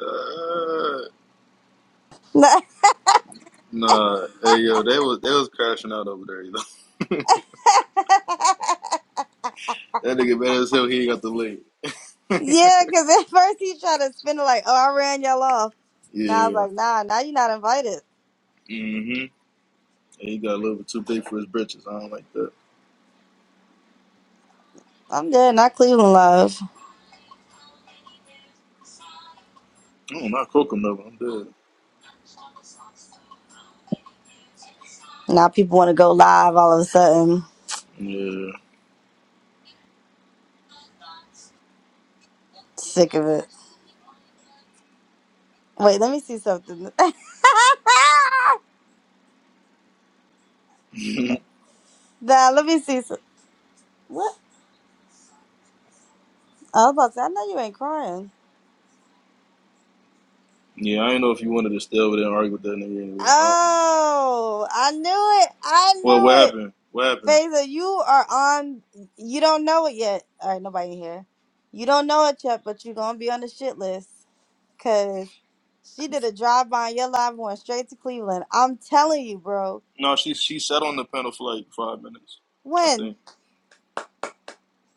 Uh, yeah, nah, hey yo, they was they was crashing out over there. You know? That nigga better as hell. He ain't got the leg. because at first he tried to spin it like, oh, I ran y'all off. Now I was Yeah. like, nah, now you're not invited. Mm-hmm. he got a little bit too big for his britches. I don't like that. I'm dead, not Cleveland Live. Oh, not Kokum though. I'm Now people want to go live all of a sudden. dead. Sick of it. Wait, let me see something. Yeah. nah, let me see some. What? I was about to say, I know you ain't crying. yeah. I ain't know if you wanted to stay over there and argue with that nigga anyway. I don't know. Oh, I knew it. I Well, what knew it. happened? What happened? Favor, you are on. You don't know it yet. All right, nobody here. You don't know it yet, but you're gonna be on the shit list because she did a drive by on your live and went straight to Cleveland. I'm telling you, bro. No, she she sat on the panel for like five minutes, I When? think.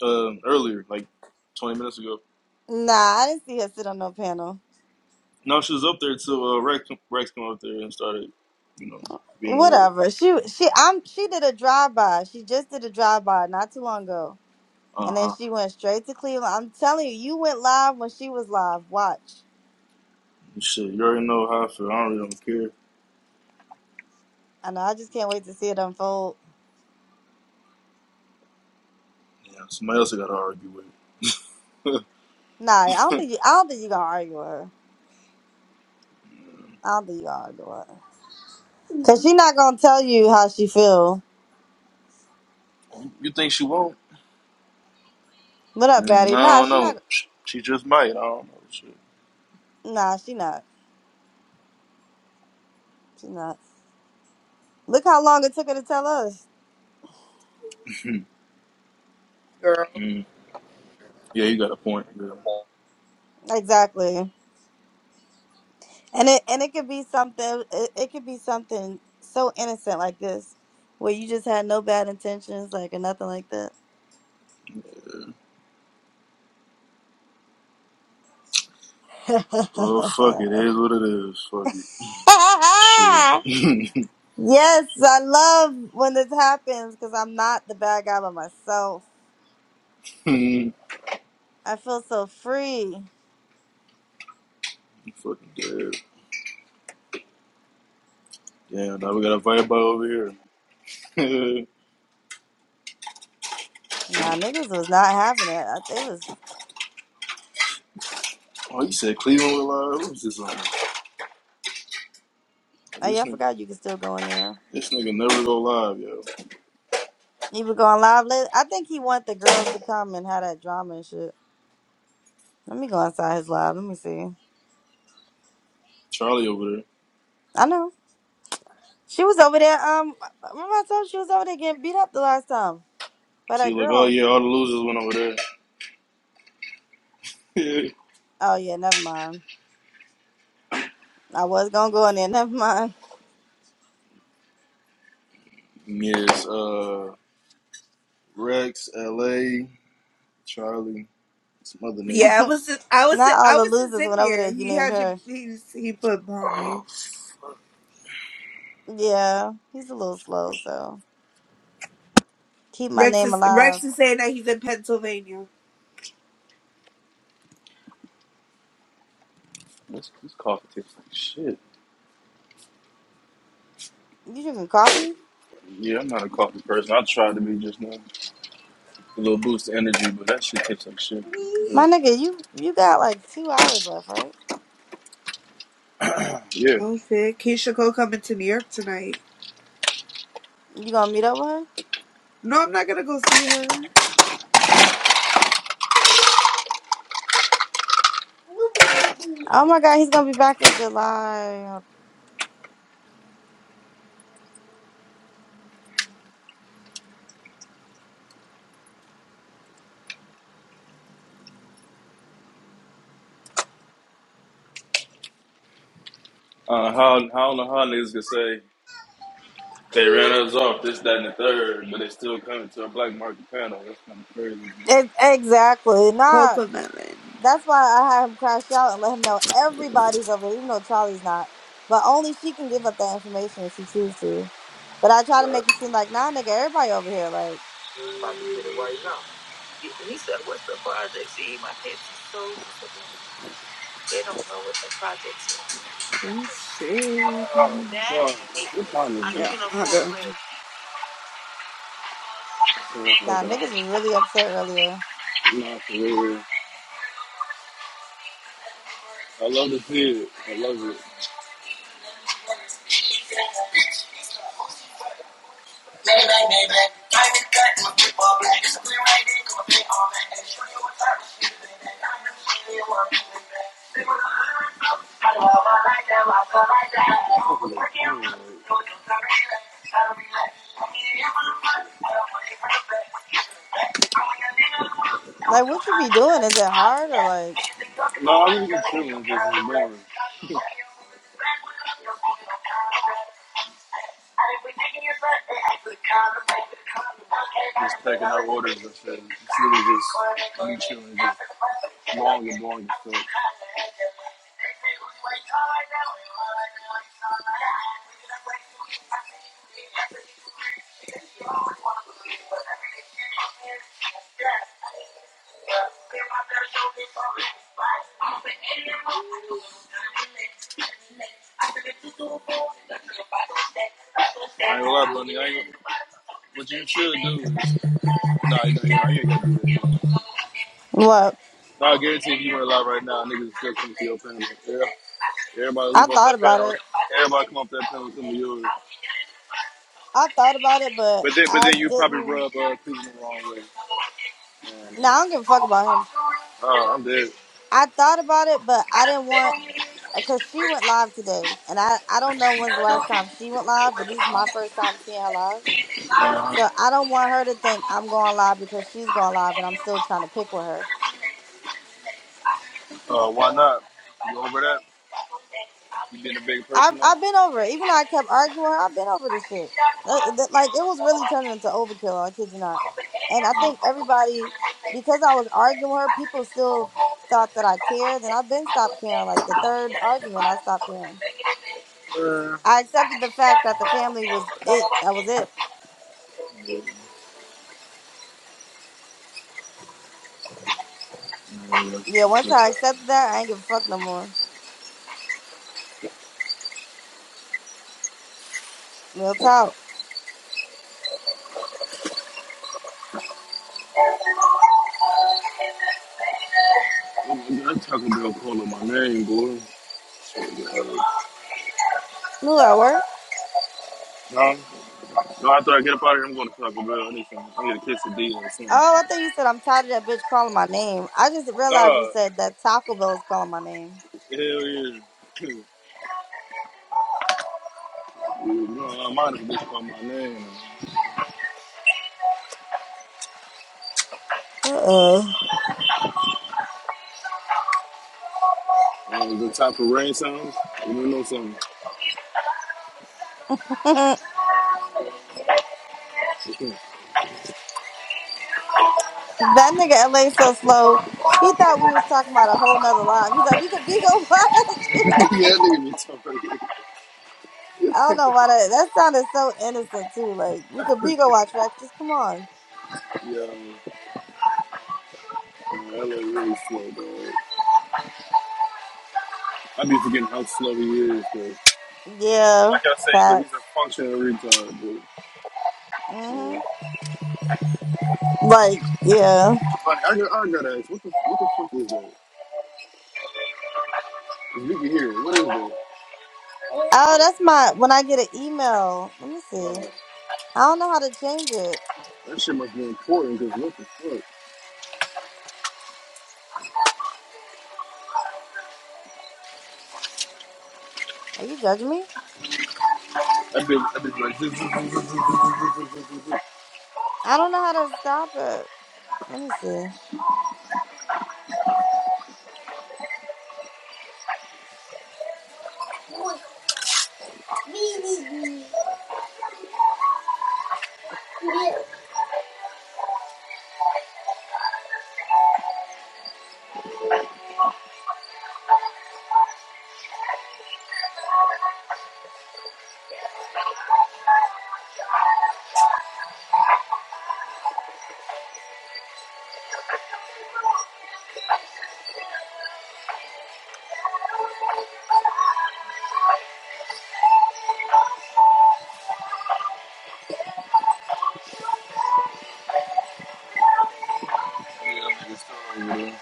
Um, earlier, like twenty minutes ago. Nah, I didn't see her sit on no panel. No, she was up there till uh, Rex Rex came up there and started, you know, being weird. Whatever. She she I'm she did a drive by. She just did a drive by not too long ago, Uh and huh. then she went straight to Cleveland. I'm telling you, you went live when she was live. Watch. Shit, you already know how I feel. I don't really don't care. I know. I just can't wait to see it unfold. Yeah, somebody else I gotta argue with. Nah, I don't you think you, I don't think you gonna argue with her. I'll be you door. Cause she not gonna tell you how she feel. you think she won't? What up, Mm, Batty? I Nah, don't she not. know. She she just might. I don't know. Shit. Nah, she not. She not. Look how long it took her to tell us. girl. Mm, yeah, you got a point. Yeah. Exactly. And it and it could be something. It, it could be something so innocent like this, where you just had no bad intentions, like or nothing like that. Well, fuck it. It is what it is. Fuck it. Shit. yes, I love when this happens because I'm not the bad guy by myself. I feel so free. You fucking dead. Damn, now we got a vibe by over here. Nah, niggas was not having it. I, they was. oh, you said Cleveland was live? Who's this on? Oh yeah, This I nigga, forgot you could still go in there. this nigga never go live, yo. He was going live later. I think he want the girls to come and have that drama and shit. Let me go inside his live. Let me see. Charlie over there. I know she was over there. Um, remember I told you she was over there getting beat up the last time by So that you like, oh girl. yeah, all the losers went over there. Oh yeah, never mind. I was gonna go in there. Never mind. Yes, uh, Rex, LA, Charlie, some other nigga. Yeah, I was just, I was, just, Not all I the was just losers in went over there. there. You He named had your, her. he, he put bomb Oh, you. fuck. Yeah, he's a little slow. So keep my Rex name is, alive. Rex is saying that he's in Pennsylvania. This, this coffee tastes like shit. You drinking coffee, Yeah, I'm not a coffee person. I tried to be just now. A little boost of energy, but that shit tastes like shit. my nigga? You you got like two hours left, right? Yeah. Oh shit, Keisha Cole coming to New York tonight. You gonna meet up with him? No, I'm not gonna go see her. Oh my god, he's gonna be back in July. Uh, how, how on the how niggas can say they ran us off, this, that, and the third, but they still coming to a black market panel. That's kind of crazy, man. It, exactly. Nah, Coca Melon. that's why I had him crash out and let him know everybody's over there, even though Charlie's not. But only she can give up that information if she chooses to. But I try to make it seem like, nah, nigga, everybody over here. Like, About to get it right now. He he said, "What's the project?" See, my kids are so disadvantaged. They don't know what the projects is. Oh shit, Daddy, I'm yeah, you're in a I fourth know. grade. nah, niggas was really upset earlier. I love to see it. I love it. Maybe, maybe. Time is cut, my people black. I'm we right there, gonna play all night. And show you what time is shooting. And I'm gonna show you what I'm doing. They wanna hurt us. I love her like that, I love her like that. I can't do it, so it's not real. I don't be like, I'm getting here for the fun. I don't want it for the back. I'm like a nigga. I was Like, so what you be high. doing? Is it hard or like No, I really get feeling just boring. Just taking out orders and shit. It's really just me chilling, just long and boring and stuff. I ain't gonna lie, Bunny. I ain't, What you should do is no, no, yeah, I ain't gotta do that no more. what? No, I guarantee if you went live right now, niggas is still coming to your panel. Yeah. Everybody I leave off thought that about panel. it. Everybody come off that panel and come to yours. I thought about it, but But then, but I then you probably didn't. rub uh, people the wrong way. Man, Nah, I don't give a fuck about him. uh, I'm dead. I thought about it, but I didn't want because she went live today, and I I don't know when's the last time she went live, but this is my first time seeing her live. Uh, So I don't want her to think I'm going live because she's going live, and I'm still trying to pick with her. uh, why not? You over that? You being a big I've person now? I've been over it. Even though I kept arguing, I've been over this shit. Uh, th- Like it was really turning into overkill. I kid you not. And I think everybody, because I was arguing with her, people still thought that I cared, and I've been stopped caring. Like the third argument, I stopped caring. Uh I accepted the fact that the family was it. That was it. yeah, man, that's, Yeah, I once feel I that. accepted that, I ain't give a fuck no more. Real talk. That Taco Bell calling my name, boy. Shit, uh, Who at work? No, no, after I get up out of here, I'm going to Taco Bell. I need some, I need a quesadilla or something. Oh, I thought you said I'm tired of that bitch calling my name. I just realized you Nah, said that Taco Bell is calling my name. hell yeah. You know I don't bitch call my name. Uh uh Uh, the type of rain sounds, you know something. that nigga LA so slow. He thought we was talking about a whole nother life. He's like, we could be go watch. yeah, that nigga be talking. I don't know why that that sounded so innocent too. Like we could be go watch Rex. Just come on. Yeah, man, that look really slow, dog. I be forgetting how slow he is. bro. like Yeah, I said, he's a, he's facts. a functional retard. bro. Yeah. Mhm. Like yeah. I, I, got- I gotta ask, what the, what the fuck is that? If We can hear it. What is that? Oh, that's my when I get an email. Let me Uh, see. I don't know how to change it. that shit must be important because what the fuck? Are you judging me? That bitch, that bitch like. I don't know how to stop it. Let me see. Yeah, that nigga's still over there.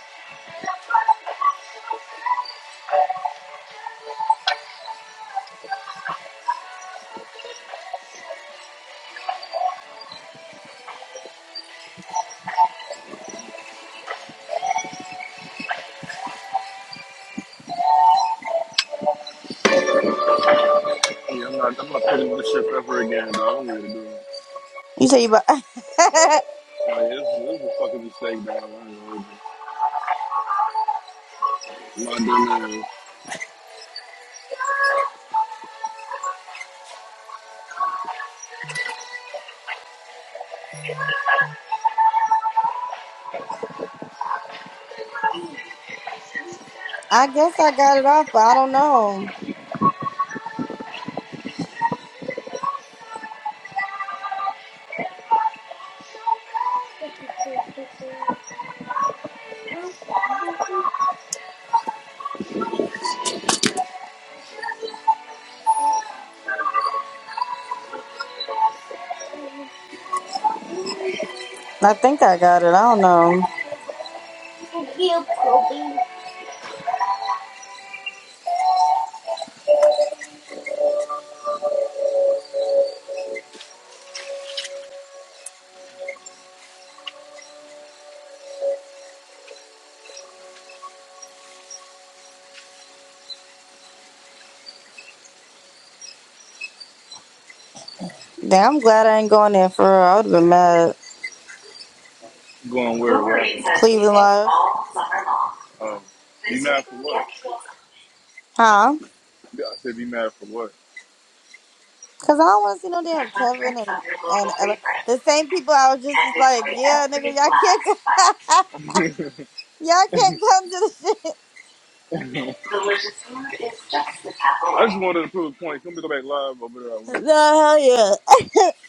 Yeah, I'm not, I'm not putting this shit ever again, dog. I don't need to do. it. You say you but Like, this, this is a fucking mistake, dog. I don't know what to do. My dumb ass I guess I got it off, but I don't know. I think I got it. I don't know. Damn, I'm glad I ain't going there for real. I would have been mad. going where it was. Cleveland Live. Um, you mad for what? Huh? Yeah, I said be mad for what? Cause I don't want to see no The damn Kevin Hundreds of and your local and Ella. favorites the same people. I was just was and like, enjoy yeah, every nigga, y'all can't, last bite. y'all can't come to the shit. Delicious food is just the tap away. I just wanted to prove a point. Can we go back live over there? I No will. hell yeah.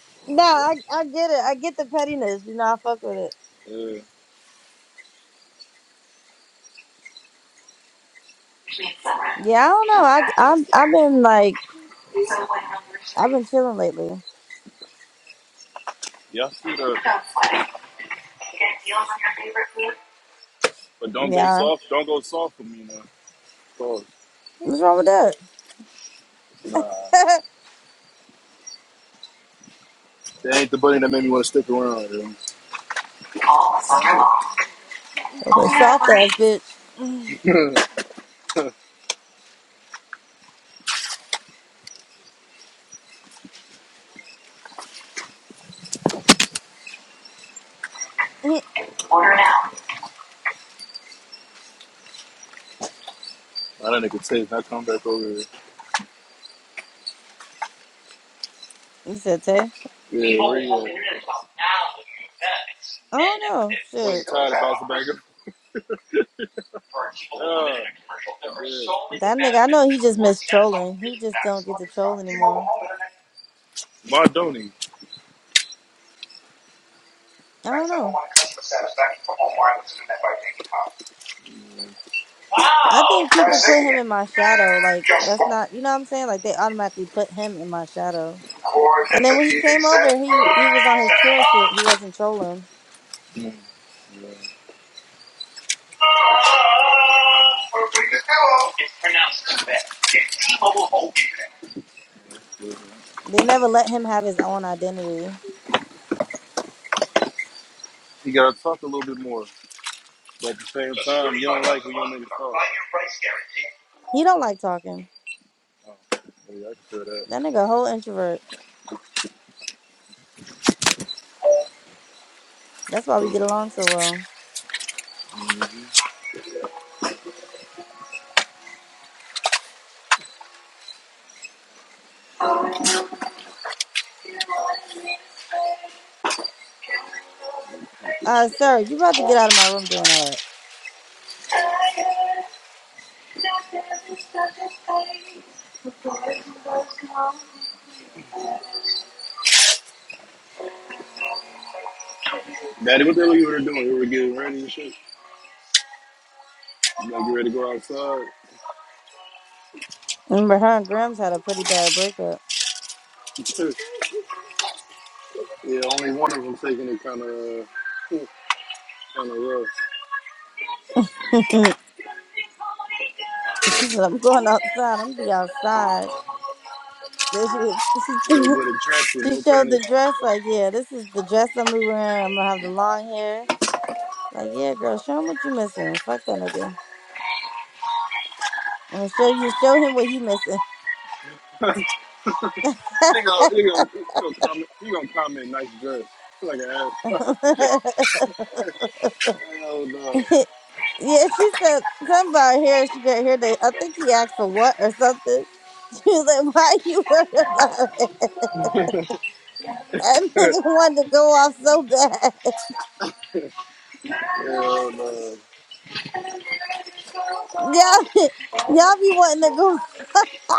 no, I I get it. I get the pettiness. You know, I fuck with it. Yeah. Midsummer. Yeah, I don't Just know. got I I'm tastier. I've been like So when hunger I've strikes, been chilling lately. Yeah. see the. Don't sweat it. Get deals on your favorite food. But don't go Yeah, soft. Don't go soft for me now. Pause. what's wrong with that? Nah, that ain't the buddy that made me want to stick around. Dude. All summer long. A bit Only at soft Uber ass Eats. bitch. Mm. Mm. Order now. Now that nigga text, now come back over here. you said Tay. Yeah, where you at? I don't know. That Shit, nigga tired of bouncing back up. Yeah. Yeah. so many that nigga. I benefits know he and just awards. missed You gotta talk trolling. He really just don't fast. So get let to me try. troll T-Mobile anymore. Home Internet. Why don't he? I don't know. I think people put him in my shadow. Like that's not, you know what I'm saying? Like they automatically put him in my shadow. And then when he came over, he he was on his chill shit. He wasn't trolling. Mm. set. Easy set. It's pronounced Tibet. It's T-Mobile Holding. Bank. Mm-hmm. They never let him have his own identity. You gotta talk a little bit more, but at the same time, you don't like when you niggas talk. Five-year price He don't like talking. guarantee. Oh, yeah, I can feel that. That nigga a whole introvert. That's why we get along so well. Uh, sir, you about to get out of my room doing all Daddy, what the hell you were doing? You were getting ready and shit. You gotta get ready to go outside. that. Remember, her and Grims had a pretty bad breakup. yeah, only one of them taking it kind of, kind of rough. she said, "I'm going outside. I'm gonna be outside." Then she, she With a, with a dress with She no showed panties. the dress, like, yeah, this is the dress I'm gonna be wearing. I'm gonna have the long hair. Like, yeah, girl, show him what you missing. Fuck that nigga. I'm gonna show you, show him what he missing. Nigga, nigga, you gonna comment? You gonna comment? Nice dress. Feel Like an ass. Hell no. yeah, she said something about hair. She got hair day. I think he asked for what or something. She was like, why you worried about it? That nigga wanted to go off so bad. Hell no. Y'all, y'all be wanting to go.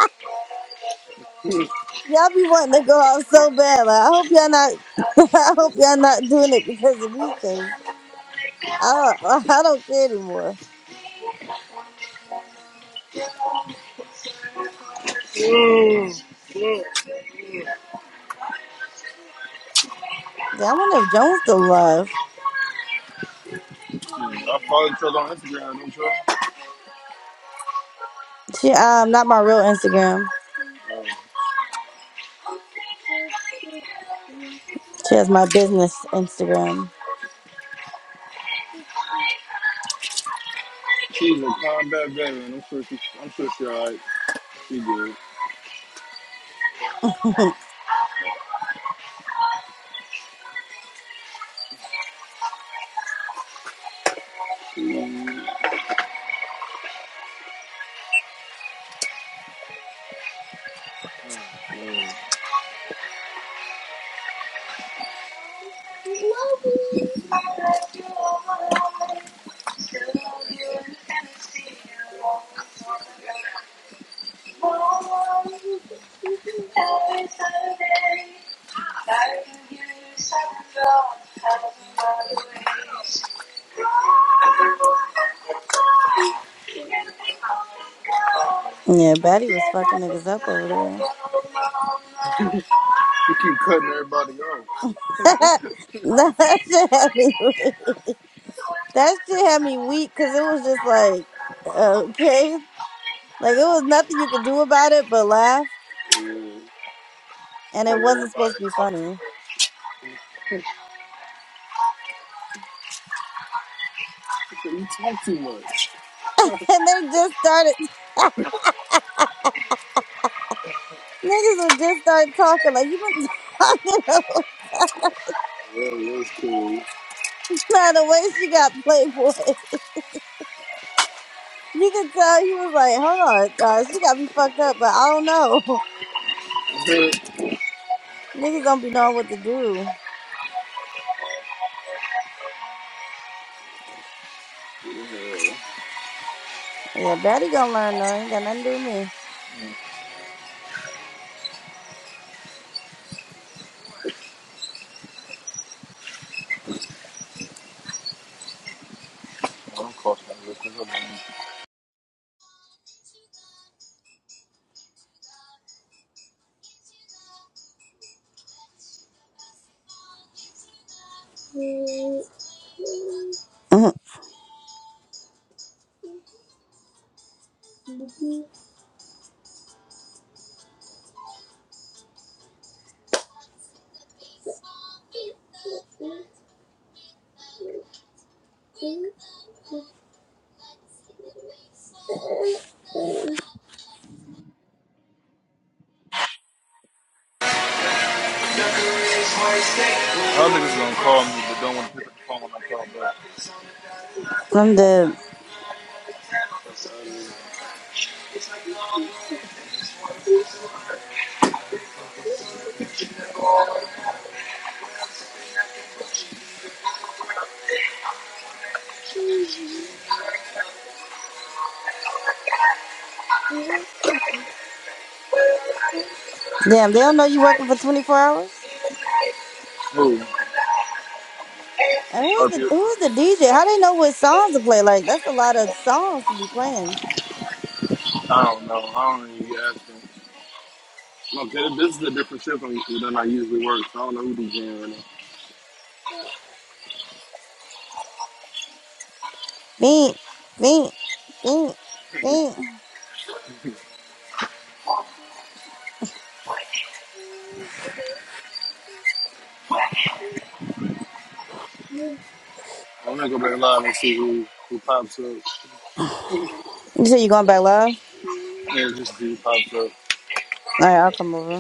Y'all be wanting to go out so bad. Like, I hope y'all not. I hope y'all not doing it because of me. Cause I don't, I don't care anymore. Yeah, I wonder if Jones still alive. Hmm, I follow each other on Instagram. Don't you? She um not my real Instagram. Uh, She has my business Instagram. she's a combat veteran. I'm sure she. I'm sure she alright. She yeah, good. You Batty was fucking niggas up over there. keep cutting everybody off. Nah, that shit had me weak. That shit had me weak because it was just like, okay, like it was nothing you could do about it but laugh, Yeah. and Tell it wasn't everybody supposed to they be talk too funny much. You talk too much. and they just started Niggas would just start talking like you been talking about Yeah, that's cool. now the way she got Playboy. You could tell he was like, hold on, uh, she got me fucked up, but I don't know. Niggas don't be knowing what to do. Yeah, Batty gonna learn though. Ain't got nothing to do with me. I'm crossing real quick. Hold on. Mhm. Y'all niggas gonna call me, but don't want to pick up the phone when I call back. I'm dead. Damn, they don't know you working for 24 hours. who? And who's Up the here. who's the DJ? How they know what songs to play? Like that's a lot of songs to be playing. I don't know. I don't even ask him. No, 'cause this is a different shift than than I usually work, so I don't know who DJing right now. Beat, beat, beat, beat. You say you going back live? All right, I'll come over.